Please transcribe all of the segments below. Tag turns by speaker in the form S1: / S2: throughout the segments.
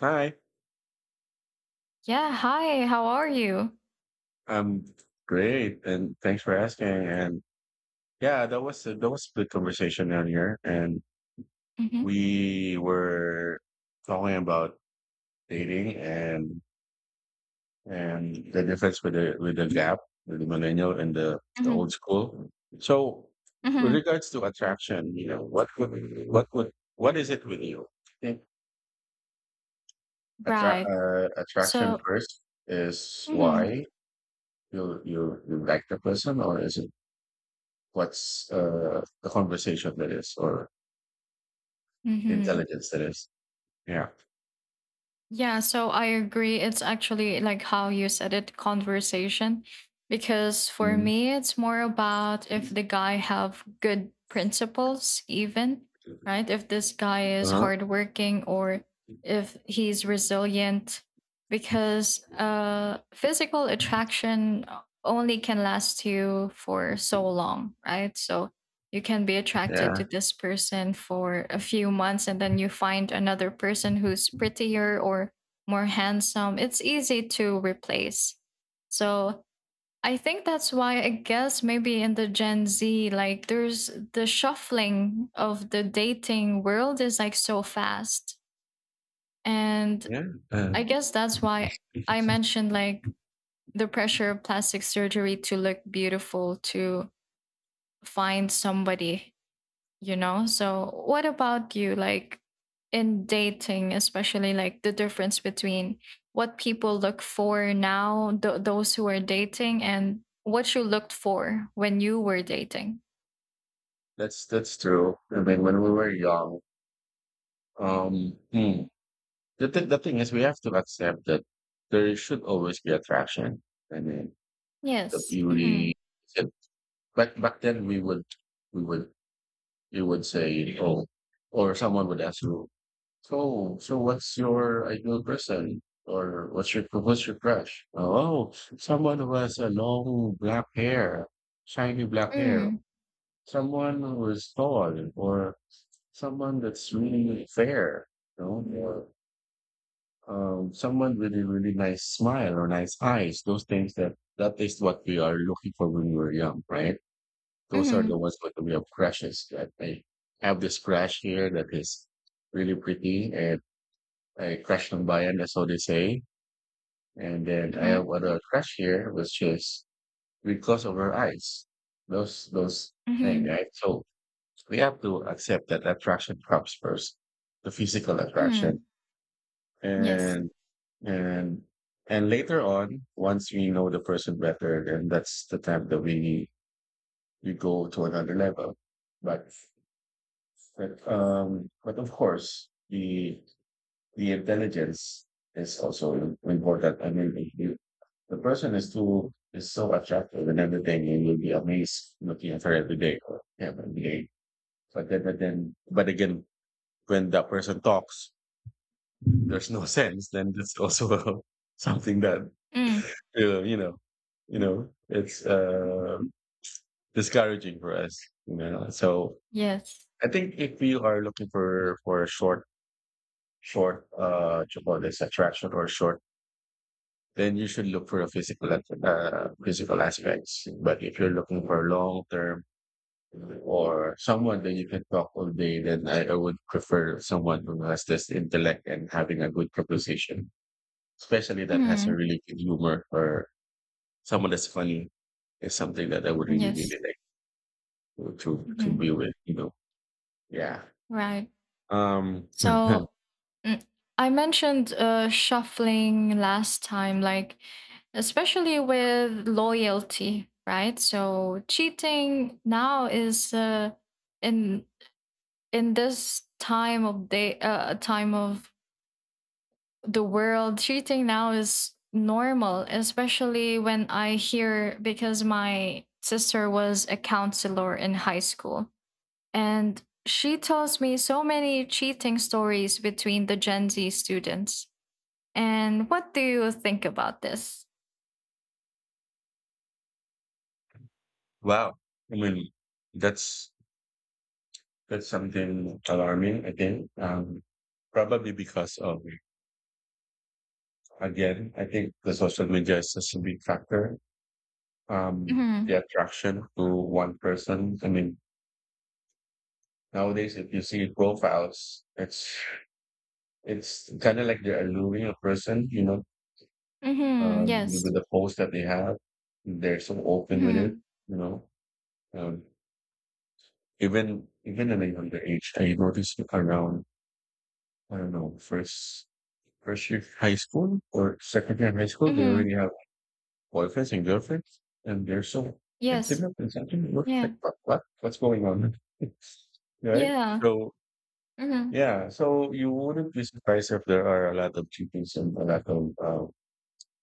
S1: Hi,
S2: Yeah, hi, how are you?
S1: I'm great, and thanks for asking. And yeah, that was a good conversation earlier, and
S2: Mhm,
S1: we were talking about dating and the difference with the gap with the millennial and the
S2: mhm,
S1: old school. So, with
S2: mhm,
S1: regards to attraction, what would what is it with you? I think
S2: right.
S1: attraction
S2: So,
S1: first is
S2: mhm,
S1: why you like the person, or is it what's the conversation that is or
S2: mhm.
S1: intelligence that is. Yeah.
S2: Yeah, so I agree. It's actually like how you said it, conversation. Because for
S1: Mm.
S2: me, it's more about if the guy have good principles, even, right? If this guy is
S1: Uh-huh.
S2: hardworking or if he's resilient. Because physical attraction only can last you for so long, right? So, you can be attracted to
S1: Yeah.
S2: this person for a few months and then you find another person who's prettier or more handsome. It's easy to replace. So I think that's why I guess maybe in the Gen Z, like there's the shuffling of the dating world is like so fast. And
S1: Yeah. Uh,
S2: I guess that's why I mentioned, like, the pressure of plastic surgery to look beautiful, to find somebody. So what about you, like in dating, especially like the difference between what people look for now, those who are dating, and what you looked for when you were dating?
S1: that's true. I mean, when we were young, um, hmm, the thing is, we have to accept that there should always be attraction. I mean, the
S2: Yes. Mm-hmm.
S1: beauty. And- But back then, we would we would say, oh, or someone would ask you, so what's your ideal person, or what's your crush? Oh, someone who has a long black hair, shiny black hair.
S2: Mm.
S1: Someone who is tall, or someone that's really fair, you know, or someone with a really nice smile or nice eyes. Those things that is what we are looking for when we were young, right? Those are the
S2: Mm-hmm.
S1: ones that we have crushes. That I have this crush here that is really pretty and I crashed on Bayan, that's all they say. And then I have
S2: Mm-hmm.
S1: other crash here, which is because of our eyes. Those thing,
S2: Mm-hmm.
S1: right? So we have to accept that attraction comes first, the physical attraction,
S2: Mm-hmm. Yes.
S1: and and and later on, once we know the person better, then that's the time that we go to another level. But but of course the intelligence is also important. I mean, if you, the person is too is so attractive and everything, and you'll be amazed looking at her every day or him every day. But again, when that person talks, there's no sense. Then that's also something that
S2: Mm.
S1: uh, you know, you know, it's discouraging for us. You know, so
S2: Yes.
S1: I think if you are looking for what you call this attraction or short then you should look for a physical aspects. But if you're looking for long term or someone that you can talk all day, then I would prefer someone who has this intellect and having a good proposition, especially that has a
S2: Mm.
S1: really good humor or someone that's funny is something that I would really
S2: Yes.
S1: really like to
S2: Mm-hmm.
S1: be with. You know, yeah.
S2: Right.
S1: Um.
S2: So, mm, I mentioned shuffling last time, like especially with loyalty, right? So cheating now is in in this time of day, time of the world, cheating now is normal. Especially when I hear, because my sister was a counselor in high school and she tells me so many cheating stories between the Gen Z students. And what do you think about this?
S1: Wow. I mean, that's that's something alarming, I think. Um, probably because of, again, I think the social media is such a big factor. The
S2: Mm-hmm.
S1: attraction to one person. I mean, nowadays, if you see profiles, it's kind of like they're alluring a person. You know,
S2: Mm-hmm. Yes.
S1: with the post that they have, they're so open with it.
S2: Mm-hmm.
S1: You know, um, even at a younger age, I noticed around I don't know first year high school or second year high school, they
S2: Mm-hmm.
S1: already have boyfriends and girlfriends, and they're so
S2: Yes.
S1: intimate and something.
S2: Yeah.
S1: What's going on? Right?
S2: Yeah.
S1: So,
S2: Mm-hmm.
S1: yeah. So you wouldn't be surprised if there are a lot of cheatings and a lot of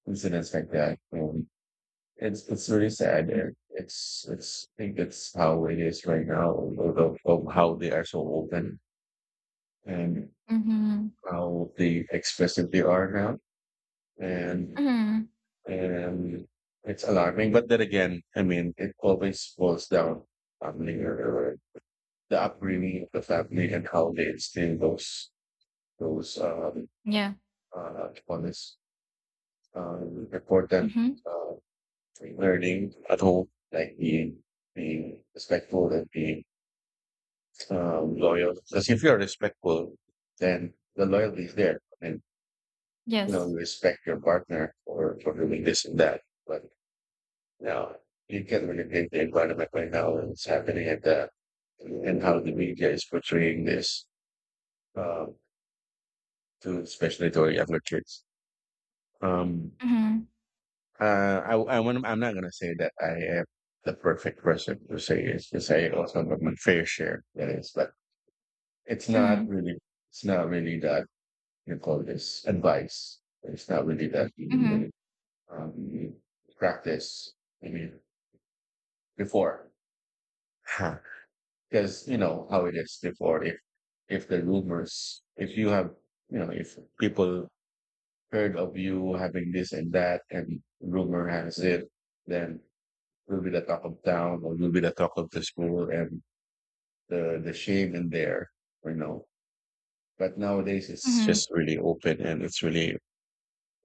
S1: incidents like that. It's really sad. And It's I think it's how it is right now. Although of how they are so open and
S2: Mm-hmm.
S1: how they expressive they are now, and
S2: Mm-hmm.
S1: and it's alarming. But then again, I mean, it always boils down family or the upbringing of the family and how they instill those those um
S2: Yeah.
S1: uh on this important
S2: Mm-hmm.
S1: uh learning at home, like being being respectful and being loyal. Because if you're respectful, then the loyalty is there. And you know,
S2: Yes.
S1: you respect your partner for doing this and that. But now, you can really take the environment right now and it's happening at the and how the media is portraying this uh, to especially to our younger kids. Um,
S2: Mm-hmm.
S1: uh, I want, I'm not gonna say that I am the perfect person to say it's to say also have my fair share. That is, but it's not
S2: Mm-hmm.
S1: really, it's not really that you call this advice. It's not really that
S2: Mm-hmm.
S1: you um, practice. I mean, before. Because you know how it is before if the rumors if you have you know if people heard of you having this and that and rumor has it then you'll be the talk of town or you'll be the talk of the school and the shame in there, you know, but nowadays it's
S2: Hmm.
S1: just really open and it's really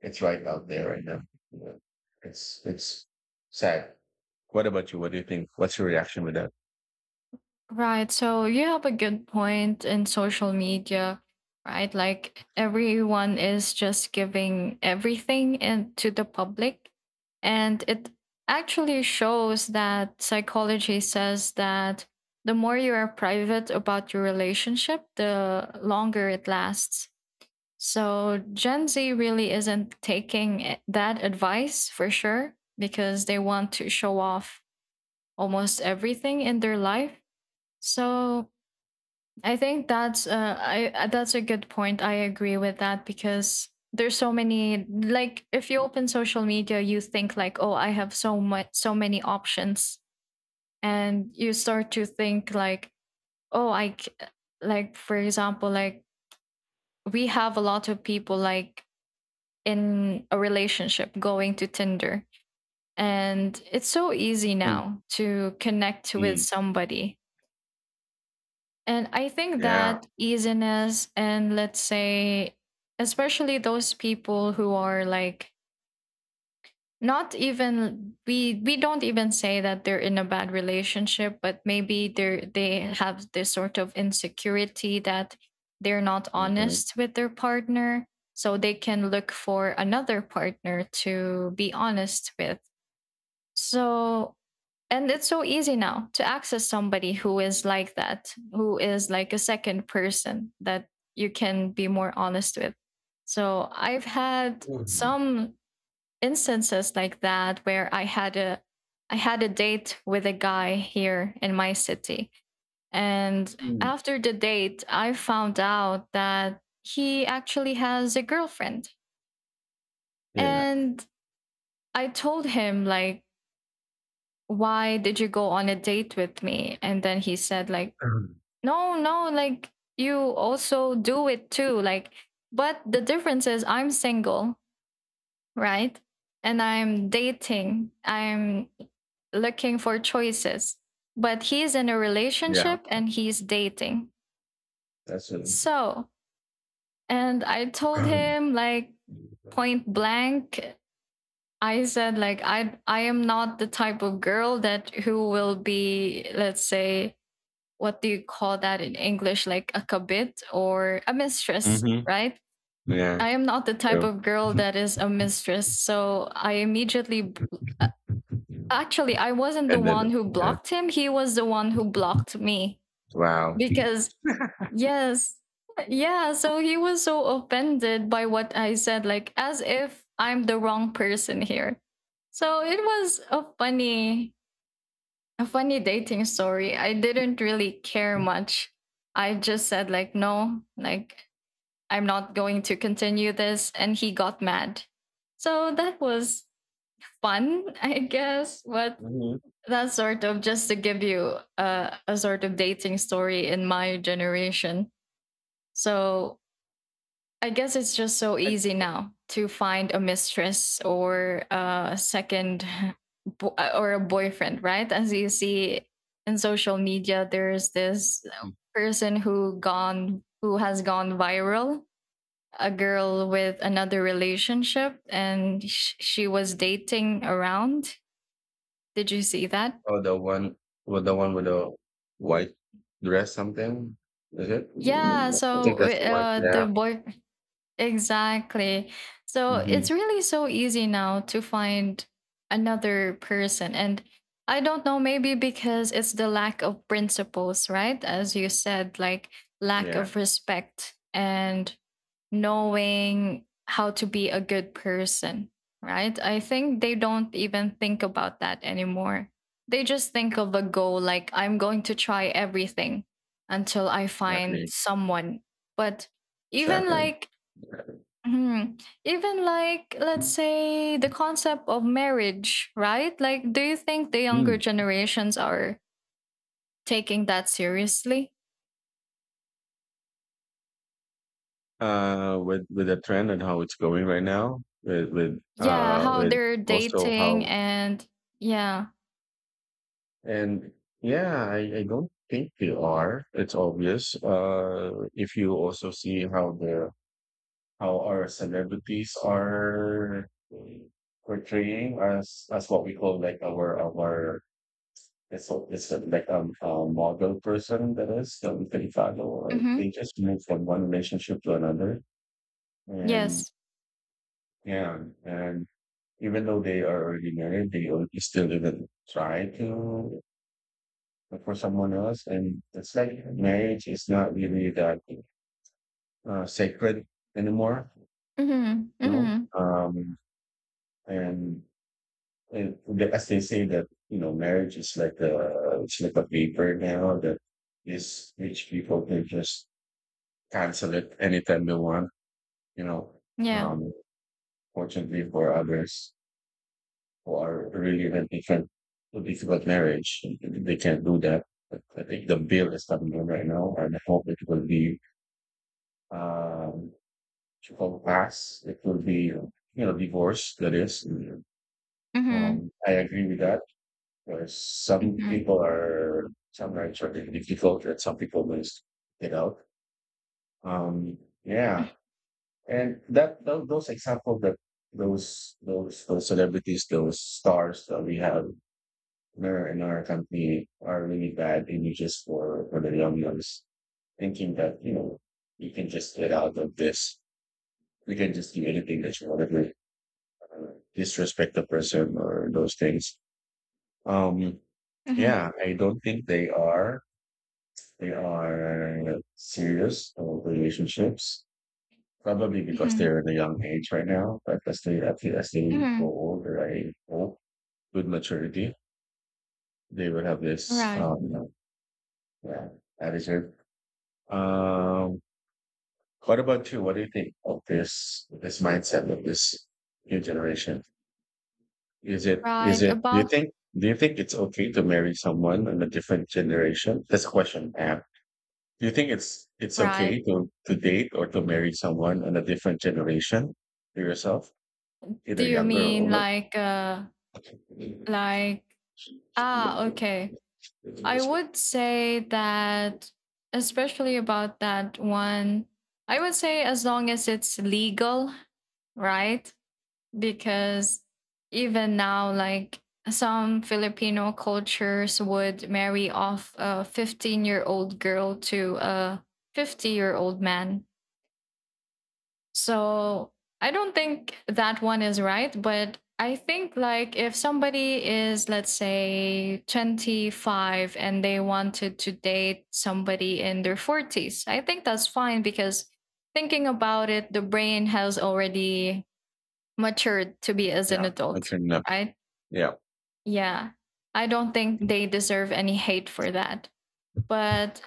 S1: it's right out there right now. You it's it's sad. What about you? What do you think? What's your reaction with that?
S2: Right. So you have a good point in social media, right? Like, everyone is just giving everything and to the public. And it actually shows that psychology says that the more you are private about your relationship, the longer it lasts. So Gen Z really isn't taking that advice for sure because they want to show off almost everything in their life. So I think that's I that's a good point. I agree with that because there's so many, like if you open social media, you think like, oh, I have so many options, and you start to think like, oh, like, for example, like we have a lot of people, like, in a relationship going to Tinder, and it's so easy
S1: Mm,
S2: now to connect with
S1: mm,
S2: somebody. And I think
S1: yeah.
S2: that easiness, and let's say especially those people who are like, not even we don't even say that they're in a bad relationship, but maybe they have this sort of insecurity that they're not
S1: Mhm.
S2: honest with their partner. So they can look for another partner to be honest with. So, and it's so easy now to access somebody who is like that, who is like a second person that you can be more honest with. So I've had some instances like that where I had a date with a guy here in my city. And
S1: Mhm.
S2: after the date, I found out that he actually has a girlfriend.
S1: Yeah.
S2: And I told him, like, why did you go on a date with me? And then he said, like,
S1: Um,
S2: no, no, like, you also do it too. Like, but the difference is I'm single, right? And I'm dating, I'm looking for choices. But he's in a
S1: yeah,
S2: relationship and he's dating.
S1: that's it.
S2: So, and I told
S1: Um,
S2: him, like, point blank, I said, like, I am not the type of girl that who will be, let's say, what do you call that in English? Like, a kabit or a mistress,
S1: Mhm.
S2: right?
S1: Yeah,
S2: I am not the type
S1: true.
S2: of girl that is a mistress. So I immediately, actually, I wasn't the
S1: And
S2: one
S1: then
S2: who
S1: yeah,
S2: blocked him. He was the one who blocked me
S1: wow.
S2: because, yes, yeah. So he was so offended by what I said, like as if I'm the wrong person here. So it was a funny dating story. I didn't really care much. I just said, like, no, like, I'm not going to continue this, and he got mad. So that was fun, I guess, but
S1: Mhm.
S2: that sort of, just to give you a sort of dating story in my generation. So I guess it's just so
S1: I
S2: easy now to find a mistress or a second or a boyfriend, right? As you see in social media, there's this
S1: think
S2: person who has gone viral, a girl with another relationship, and she was dating around. Did you see that?
S1: oh, the one with the one with the white dress something, is it?
S2: Yeah,
S1: I think
S2: so
S1: that's the one,
S2: the
S1: yeah.
S2: boy exactly. So it's
S1: Mhm.
S2: really so easy now to find another person. And I don't know, maybe because it's the lack of principles, right? As you said, like, lack
S1: Yeah,
S2: of respect and knowing how to be a good person, right? I think they don't even think about that anymore. They just think of a goal, like, I'm going to try everything until I find
S1: exactly,
S2: someone. But even
S1: exactly.
S2: like.
S1: Yeah.
S2: Mhm. Even like, let's say, the concept of marriage, right? Like, do you think the younger
S1: Mm.
S2: generations are taking that seriously?
S1: With the trend and how it's going right now,
S2: Yeah, how
S1: with
S2: they're
S1: also
S2: dating
S1: how
S2: and, yeah.
S1: and yeah, I don't think you are. It's obvious. If you also see how the how our celebrities are portraying us as what we call like our it's so- it's a- like a model person that is that we can follow. Like they
S2: Mhm.
S1: just move from one relationship to another, and
S2: Yes.
S1: yeah, and even though they are already married, still even try to but for someone else. And it's like marriage is not really that sacred anymore,
S2: Mhm.
S1: you know?
S2: Mhm.
S1: And, and the- as they say that, you know, marriage is like a, it's like a paper now that is rich people can just cancel it anytime they want, you know?
S2: Yeah.
S1: Um, fortunately for others who are really in a different, a difficult marriage, they can't do that. But I think the bill is coming in right now, and I hope it will be um, to come compass. It will be, you know, divorce. That is,
S2: Mhm.
S1: I agree with that. Because some
S2: Mhm.
S1: people are sometimes are really difficult, and some people just get out. Yeah, and that those examples that those celebrities, those stars that we have in in our company are really bad images for the young ones, thinking that you know you can just get out of this. You can just do anything that you want to do disrespect the person or those things. Um,
S2: Mhm.
S1: yeah, I don't think they are. They are serious about relationships, probably because
S2: Mhm.
S1: they're at a young age right now. But as they, I think as they grow
S2: Mhm.
S1: older, I hope with maturity, they will have this,
S2: Right.
S1: yeah, attitude. Um, what about you? What do you think of this, this mindset of this new generation? Is it, is
S2: Right.
S1: it, do you
S2: About
S1: think, do you think it's okay to marry someone in a different generation? That's a question I have. Do you think it's
S2: Right.
S1: okay to date or to marry someone in a different generation to yourself,
S2: Do
S1: either
S2: you
S1: younger or
S2: mean
S1: older?
S2: like like, okay. I would say that, especially about that one, I would say, as long as it's legal, right? Because even now, like, some Filipino cultures would marry off a 15-year-old girl to a 50-year-old man. So I don't think that one is right, but I think, like, if somebody is, let's say, 25 and they wanted to date somebody in their 40s, I think that's fine because, thinking about it, the brain has already matured to be as an
S1: Yeah,
S2: adult,
S1: mature enough.
S2: right?
S1: Yeah.
S2: Yeah. I don't think they deserve any hate for that. But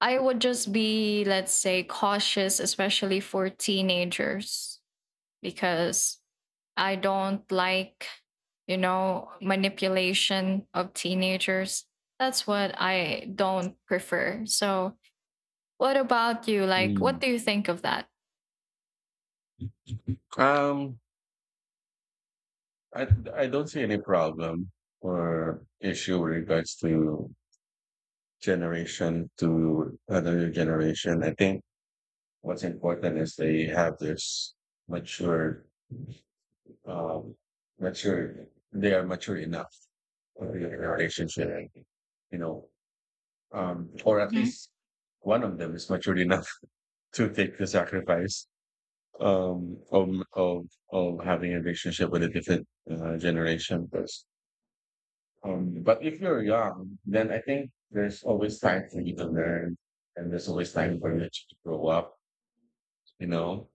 S2: I would just be, let's say, cautious, especially for teenagers, because I don't like manipulation of teenagers. That's what I don't prefer. So, what about you? Like, what
S1: Mm.
S2: do you think of that?
S1: Um, I, I don't see any problem or issue with regards to generation to another generation. I think what's important is they have this mature, um, mature, they are mature enough for the relationship, you know, or at
S2: Hmm.
S1: least one of them is mature enough to take the sacrifice um, of, of, of having a relationship with a different generation. 'Cause, but if you're young, then I think there's always time for you to learn and there's always time for you to grow up, you know,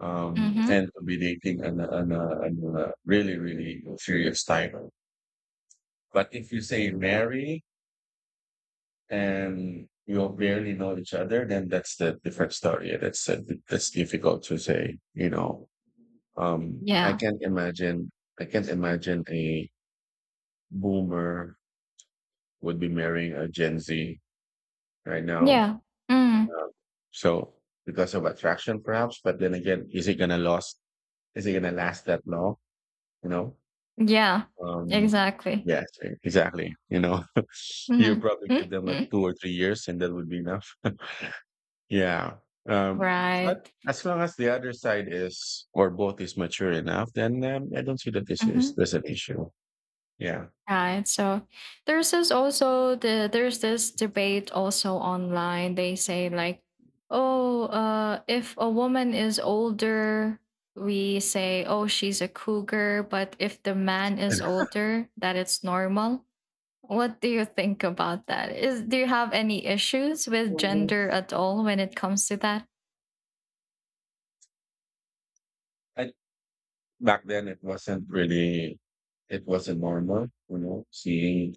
S2: Hmm.
S1: tend to be dating an a, on really, really serious time. But if you say marry and you barely know each other, then that's the different story. That's difficult to say. You know, I
S2: Yeah.
S1: can't imagine. I can't imagine a boomer would be marrying a Gen Z right now.
S2: Yeah. Mm.
S1: Um, so because of attraction, perhaps. But then again, is it gonna last? Is it gonna last that long? You know.
S2: Yeah.
S1: Um,
S2: Exactly.
S1: yes, exactly. You know,
S2: Hmm.
S1: you probably give them like
S2: Hmm.
S1: 2 or 3 years, and that would be enough. Yeah. Um, but
S2: Right.
S1: as long as the other side is or both is mature enough, then I don't see that this
S2: Hmm.
S1: is there's an issue. Yeah.
S2: Right. So there's this also the there's this debate also online. They say, like, oh, if a woman is older, we say, oh, she's a cougar, but if the man is
S1: And
S2: older, that it's normal. What do you think about that? Is do you have any issues with
S1: mhm.
S2: gender at all when it comes to that?
S1: I, back then, it wasn't really it wasn't normal, you know, seeing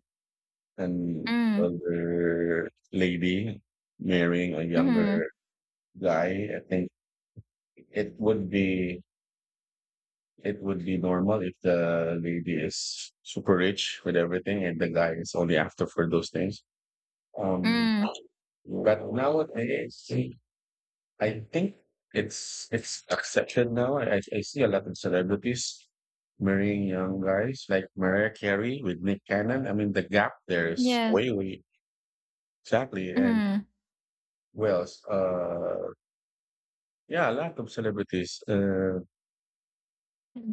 S1: an
S2: Mm.
S1: older lady marrying a
S2: Mm-hmm.
S1: younger guy. I think it would be it would be normal if the lady is super rich with everything and the guy is only after for those things. Um,
S2: Mm.
S1: but nowadays, I think it's accepted now. I see a lot of celebrities marrying young guys like Mariah Carey with Nick Cannon. I mean, the gap there is
S2: Yes.
S1: way, way exactly. And who else? Yeah, a lot of celebrities.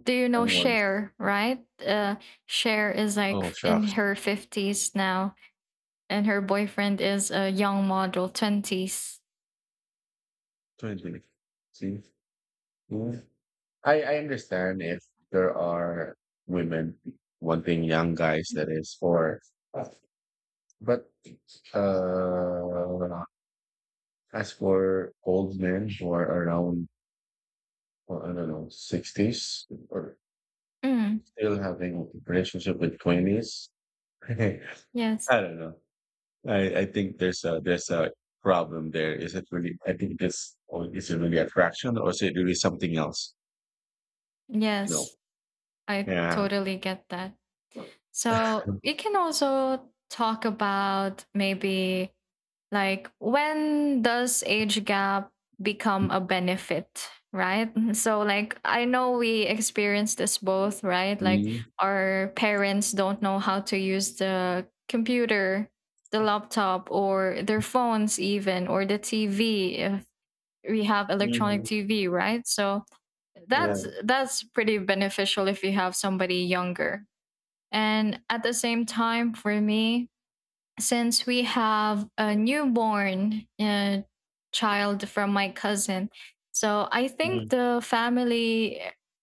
S2: Do you know
S1: Young ones.
S2: Cher, right? Cher is like
S1: Oh,
S2: in
S1: shucks,
S2: her 50s now, and her boyfriend is a young model, 20s.
S1: 20. See. Hmm? I understand if there are women wanting young guys that is for but uh as for old men who are around, well, I don't know, sixties or
S2: Mm,
S1: still having relationship with twenties. I
S2: yes,
S1: don't know. I I think there's a problem there. Is it really, I think, this, or is it really attraction, or is it really something else, you know
S2: yes, I
S1: yeah.
S2: totally get that. So you can also talk about maybe, like, when does age gap become a benefit, right? So, like, I know we experience this both, right? Like,
S1: Mm.
S2: our parents don't know how to use the computer, the laptop, or their phones even, or the TV if we have electronic
S1: Mhm.
S2: TV, right? So that's
S1: Yeah.
S2: that's pretty beneficial if you have somebody younger, and at the same time, for me, since we have a newborn child from my cousin, so I think
S1: Mm.
S2: the family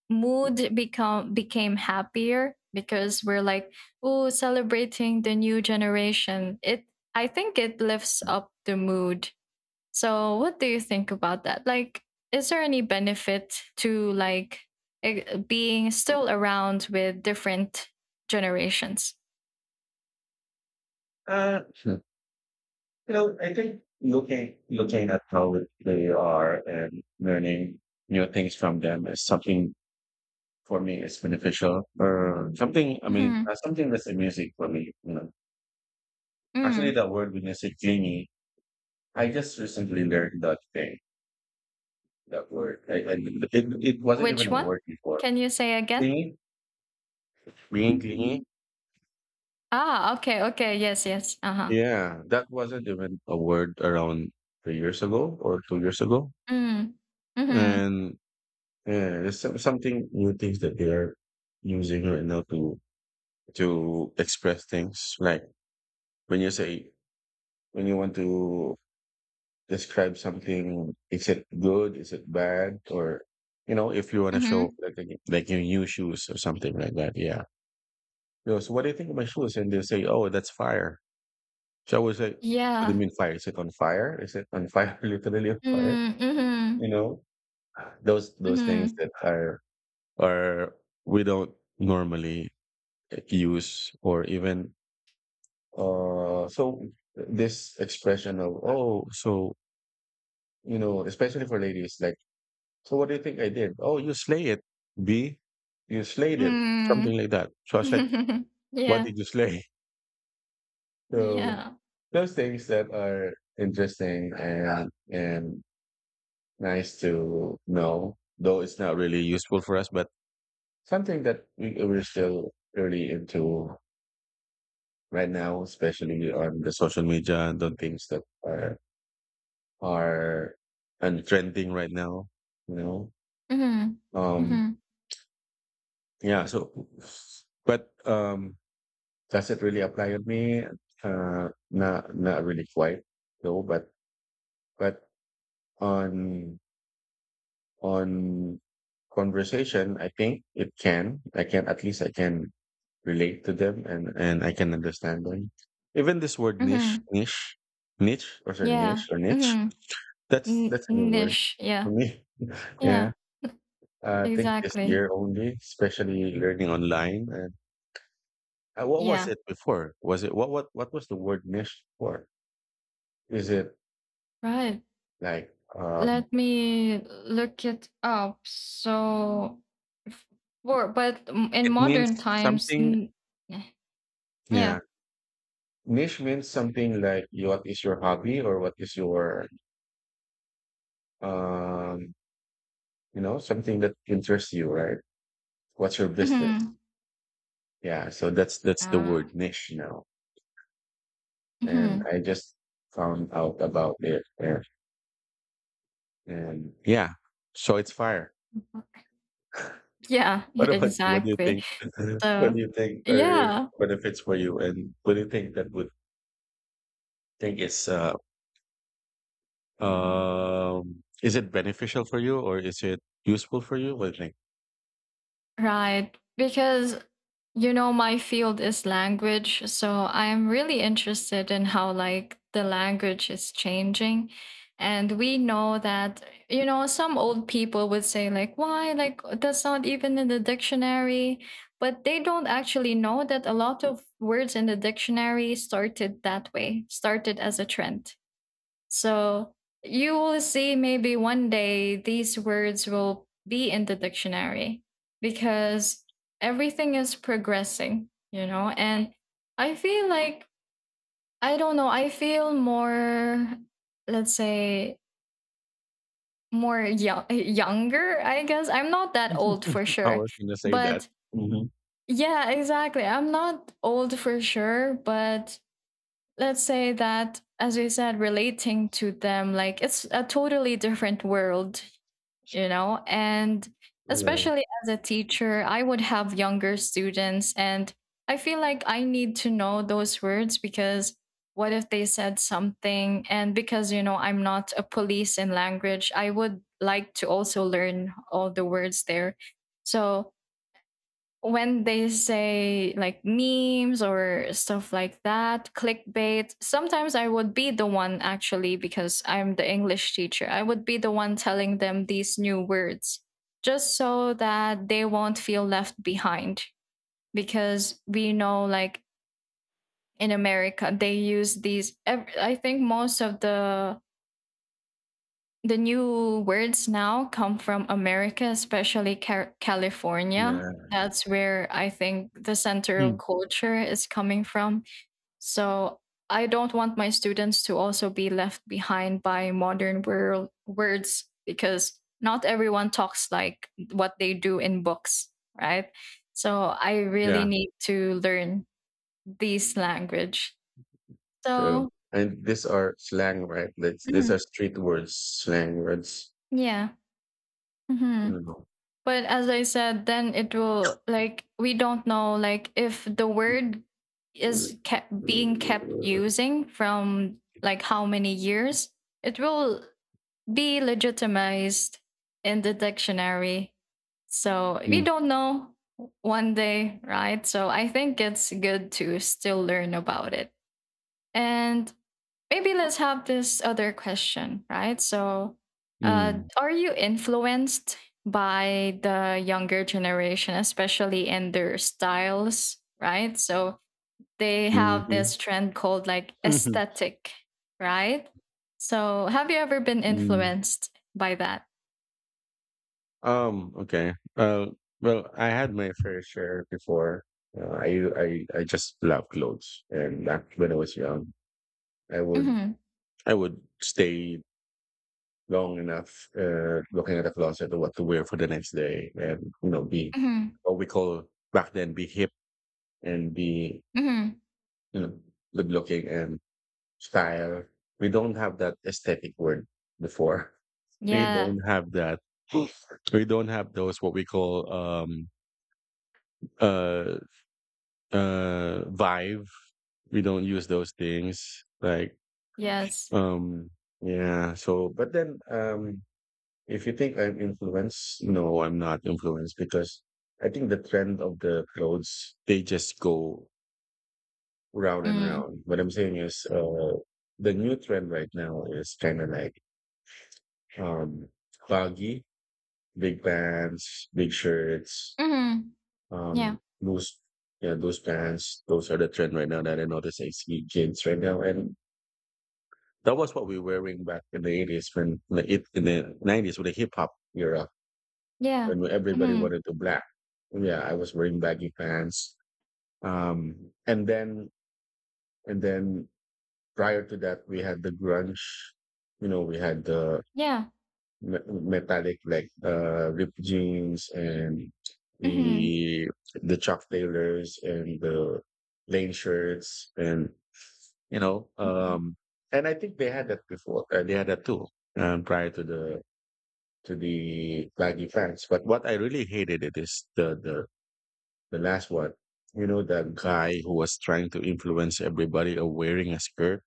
S2: mood become became happier because we're like, oh, celebrating the new generation. It I think it lifts up the mood. So, what do you think about that? Like, is there any benefit to, like, being still around with different generations?
S1: You know, I think looking at how they are and learning new things from them is something for me is beneficial or something. I mean,
S2: Hmm.
S1: something that's amusing for me. You know, actually,
S2: Mm.
S1: that word when you say "genie," I just recently learned that thing. That word, it it wasn't even
S2: Which
S1: a
S2: one?
S1: word before.
S2: Can you say again?
S1: Genie, being genie.
S2: Ah, okay, okay, yes, yes. Uh huh.
S1: Yeah, that wasn't even a word around 3 years ago or 2 years ago,
S2: Mm. Mm-hmm.
S1: and yeah, it's something new things that they are using right now to express things. Like when you say when you want to describe something, is it good? Is it bad? Or, if you want to show
S2: Mm-hmm.
S1: like like your new shoes or something like that. Yeah. You know, so what do you think of my shoes? And they say, oh, that's fire. So I was like, what do you
S2: Yeah.
S1: mean fire? Is it on fire? Is it on fire? Literally on fire?
S2: Mm. Mm-hmm.
S1: You know, those things
S2: Mm-hmm.
S1: that are we don't normally use or even so this expression of oh so especially for ladies like so what do you think I did, oh you slay it, b you slayed it, something
S2: Mm.
S1: like that. So I was like, what
S2: Yeah.
S1: did you slay? So
S2: Yeah.
S1: those things that are interesting and nice to know, though it's not really useful for us, but something that we're still really into right now, especially on the social media, and the things that are and trending right now, you know
S2: Mm-hmm.
S1: um
S2: Mm-hmm.
S1: yeah so but does it really apply on me? Not really, quite no, but but on on conversation I think it can, I can, at least I can relate to them and I can understand them. Even this word niche
S2: Mm-hmm.
S1: niche niche or, sorry,
S2: Yeah.
S1: niche or niche,
S2: Mm-hmm.
S1: that's a new word
S2: Niche. Yeah.
S1: for me. Yeah.
S2: Yeah.
S1: I think this
S2: Exactly.
S1: year only, especially learning online. And what was
S2: Yeah,
S1: it before? Was it what was the word niche for? Is it
S2: right.
S1: like
S2: Let me look it up. So, f- for, but in
S1: it
S2: modern
S1: means
S2: times,
S1: something.
S2: eh, yeah.
S1: Yeah. Niche means something like you- what is your hobby or what is your um you know something that interests you, right? What's your business?
S2: Mm-hmm.
S1: Yeah, so that's the
S2: Uh,
S1: word niche now. And
S2: hmm
S1: I just found out about it, and yeah. So it's fire.
S2: Yeah,
S1: What about you? What do you
S2: exactly.
S1: think? What do
S2: So,
S1: you think are
S2: yeah,
S1: benefits for you, and what do you think that would think is it beneficial for you or is it useful for you? What do you think?
S2: right. Because my field is language, so I'm really interested in how, like, the language is changing. And we know that, some old people would say, like, why? Like, that's not even in the dictionary. But they don't actually know that a lot of words in the dictionary started that way, started as a trend. So you will see, maybe one day, these words will be in the dictionary because everything is progressing, you know? And I feel like, I don't know, I feel more, let's say, more young, younger, I guess. I'm not that old for
S1: I
S2: sure.
S1: was gonna say that.
S2: But
S1: Hmm.
S2: yeah, exactly. I'm not old for sure, but let's say that, as we said, relating to them, like, it's a totally different world, and
S1: Yeah,
S2: especially as a teacher, I would have younger students, and I feel like I need to know those words. Because what if they said something? And because, I'm not a police in language, I would like to also learn all the words there. So when they say, like, memes or stuff like that, clickbait, sometimes I would be the one, actually, because I'm the English teacher, I would be the one telling them these new words, just so that they won't feel left behind. Because we know, like, in America, they use these, I think most of the new words now come from America, especially California.
S1: yeah,
S2: That's where I think the center of
S1: mm.
S2: culture is coming from. So I don't want my students to also be left behind by modern world words, because not everyone talks like what they do in books, right? So I really
S1: Yeah.
S2: need to learn this language. So,
S1: True. And these are slang, right? That's, these
S2: mhm,
S1: are street words, slang words.
S2: yeah. Mhm.
S1: Mm.
S2: But as I said, then it will, like, we don't know, like, if the word
S1: Mm.
S2: is kept being kept
S1: Mm.
S2: using from, like, how many years, it will be legitimized in the dictionary. So we don't know, one day, right? So I think it's good to still learn about it. And maybe let's have this other question, right? So,
S1: Mm.
S2: are you influenced by the younger generation, especially in their styles, right? So, they
S1: Mhm.
S2: have
S1: Mhm.
S2: this trend called, like, aesthetic, right? So, have you ever been
S1: Mhm.
S2: influenced by that?
S1: Okay. Well, I had my fair share before. Uh, I I just love clothes, and back when I was young, I would
S2: Hmm.
S1: I would stay long enough looking at the closet of what to wear for the next day, and you know, be
S2: Hmm.
S1: what we call back then, be hip and be,
S2: Hmm.
S1: you know, good looking and style. We don't have that aesthetic word before. We
S2: Yeah.
S1: don't have that. We don't have those what we call uh vibe, we don't use those things like
S2: Yes.
S1: um yeah. So but then if you think I'm influenced, no, I'm not influenced because I think the trend of the clothes, they just go round and
S2: Mm.
S1: round. What I'm saying is, the new trend right now is kind of like um baggy, big pants, big shirts,
S2: Hmm. Yeah.
S1: loose, yeah, those pants, those are the trend right now that I notice, I see kids right now. And that was what we were wearing back in the 80s when in the 90s with the hip hop era
S2: Yeah.
S1: when everybody
S2: Hmm.
S1: wanted to black. Yeah, I was wearing baggy pants. Um and then and then prior to that we had the grunge, you know, we had the
S2: Yeah.
S1: metallic like ripped jeans and
S2: Hmm.
S1: the the Chuck Taylors and the plain shirts and you know
S2: Hmm.
S1: and I think they had that before, they had that too, prior to the baggy pants. But what I really hated it is the last one. You know that guy who was trying to influence everybody of wearing a skirt.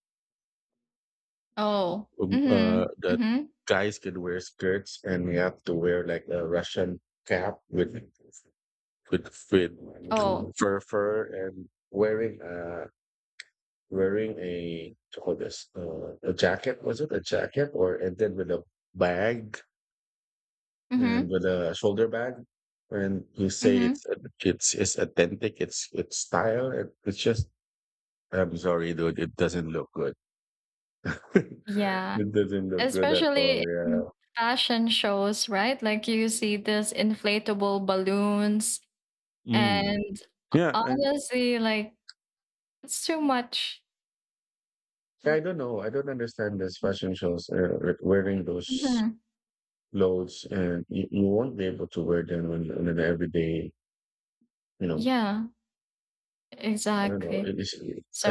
S2: Oh. Hmm.
S1: That
S2: Hmm.
S1: guys could wear skirts, and we have to wear like a Russian cap with
S2: Oh,
S1: with fur and wearing wearing a, what do you call this, a jacket, was it a jacket or, and then with a bag, and
S2: mhm,
S1: with a shoulder bag, and you say
S2: mhm.
S1: it's it's authentic, it's style, it, it's just, I'm sorry, dude, it doesn't look good.
S2: Yeah,
S1: It doesn't look good at all.
S2: especially
S1: Yeah.
S2: in fashion shows, right? Like, you see this inflatable balloons,
S1: Mm.
S2: and
S1: Yeah, I,
S2: honestly, like, it's too much. r-
S1: i don't know, I don't understand this fashion shows, with wearing those
S2: Mhm.
S1: clothes and you won't be able to wear them on an everyday, you know,
S2: Yeah,
S1: I don't know.
S2: exactly.
S1: It is,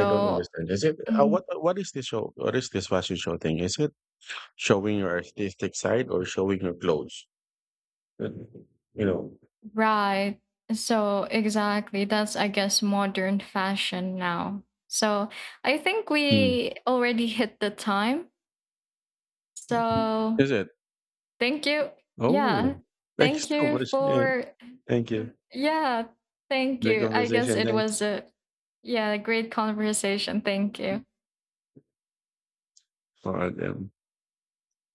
S1: I don't understand, is it,
S2: mhm,
S1: what is this show, what is this fashion show thing, is it showing your artistic side or showing your clothes. Uh, You know.
S2: right. So, exactly. That's, I guess, modern fashion now. So, I think
S1: Mm.
S2: we already hit the time. So,
S1: Is it?
S2: thank you. Yeah.
S1: Oh, thank you
S2: Thank
S1: so
S2: you
S1: much. Yeah,
S2: for,
S1: thank you.
S2: yeah, thank
S1: The
S2: you. I guess
S1: conversation.
S2: it
S1: Thanks.
S2: was a, yeah, a great conversation. Thank you.
S1: All right. Yeah.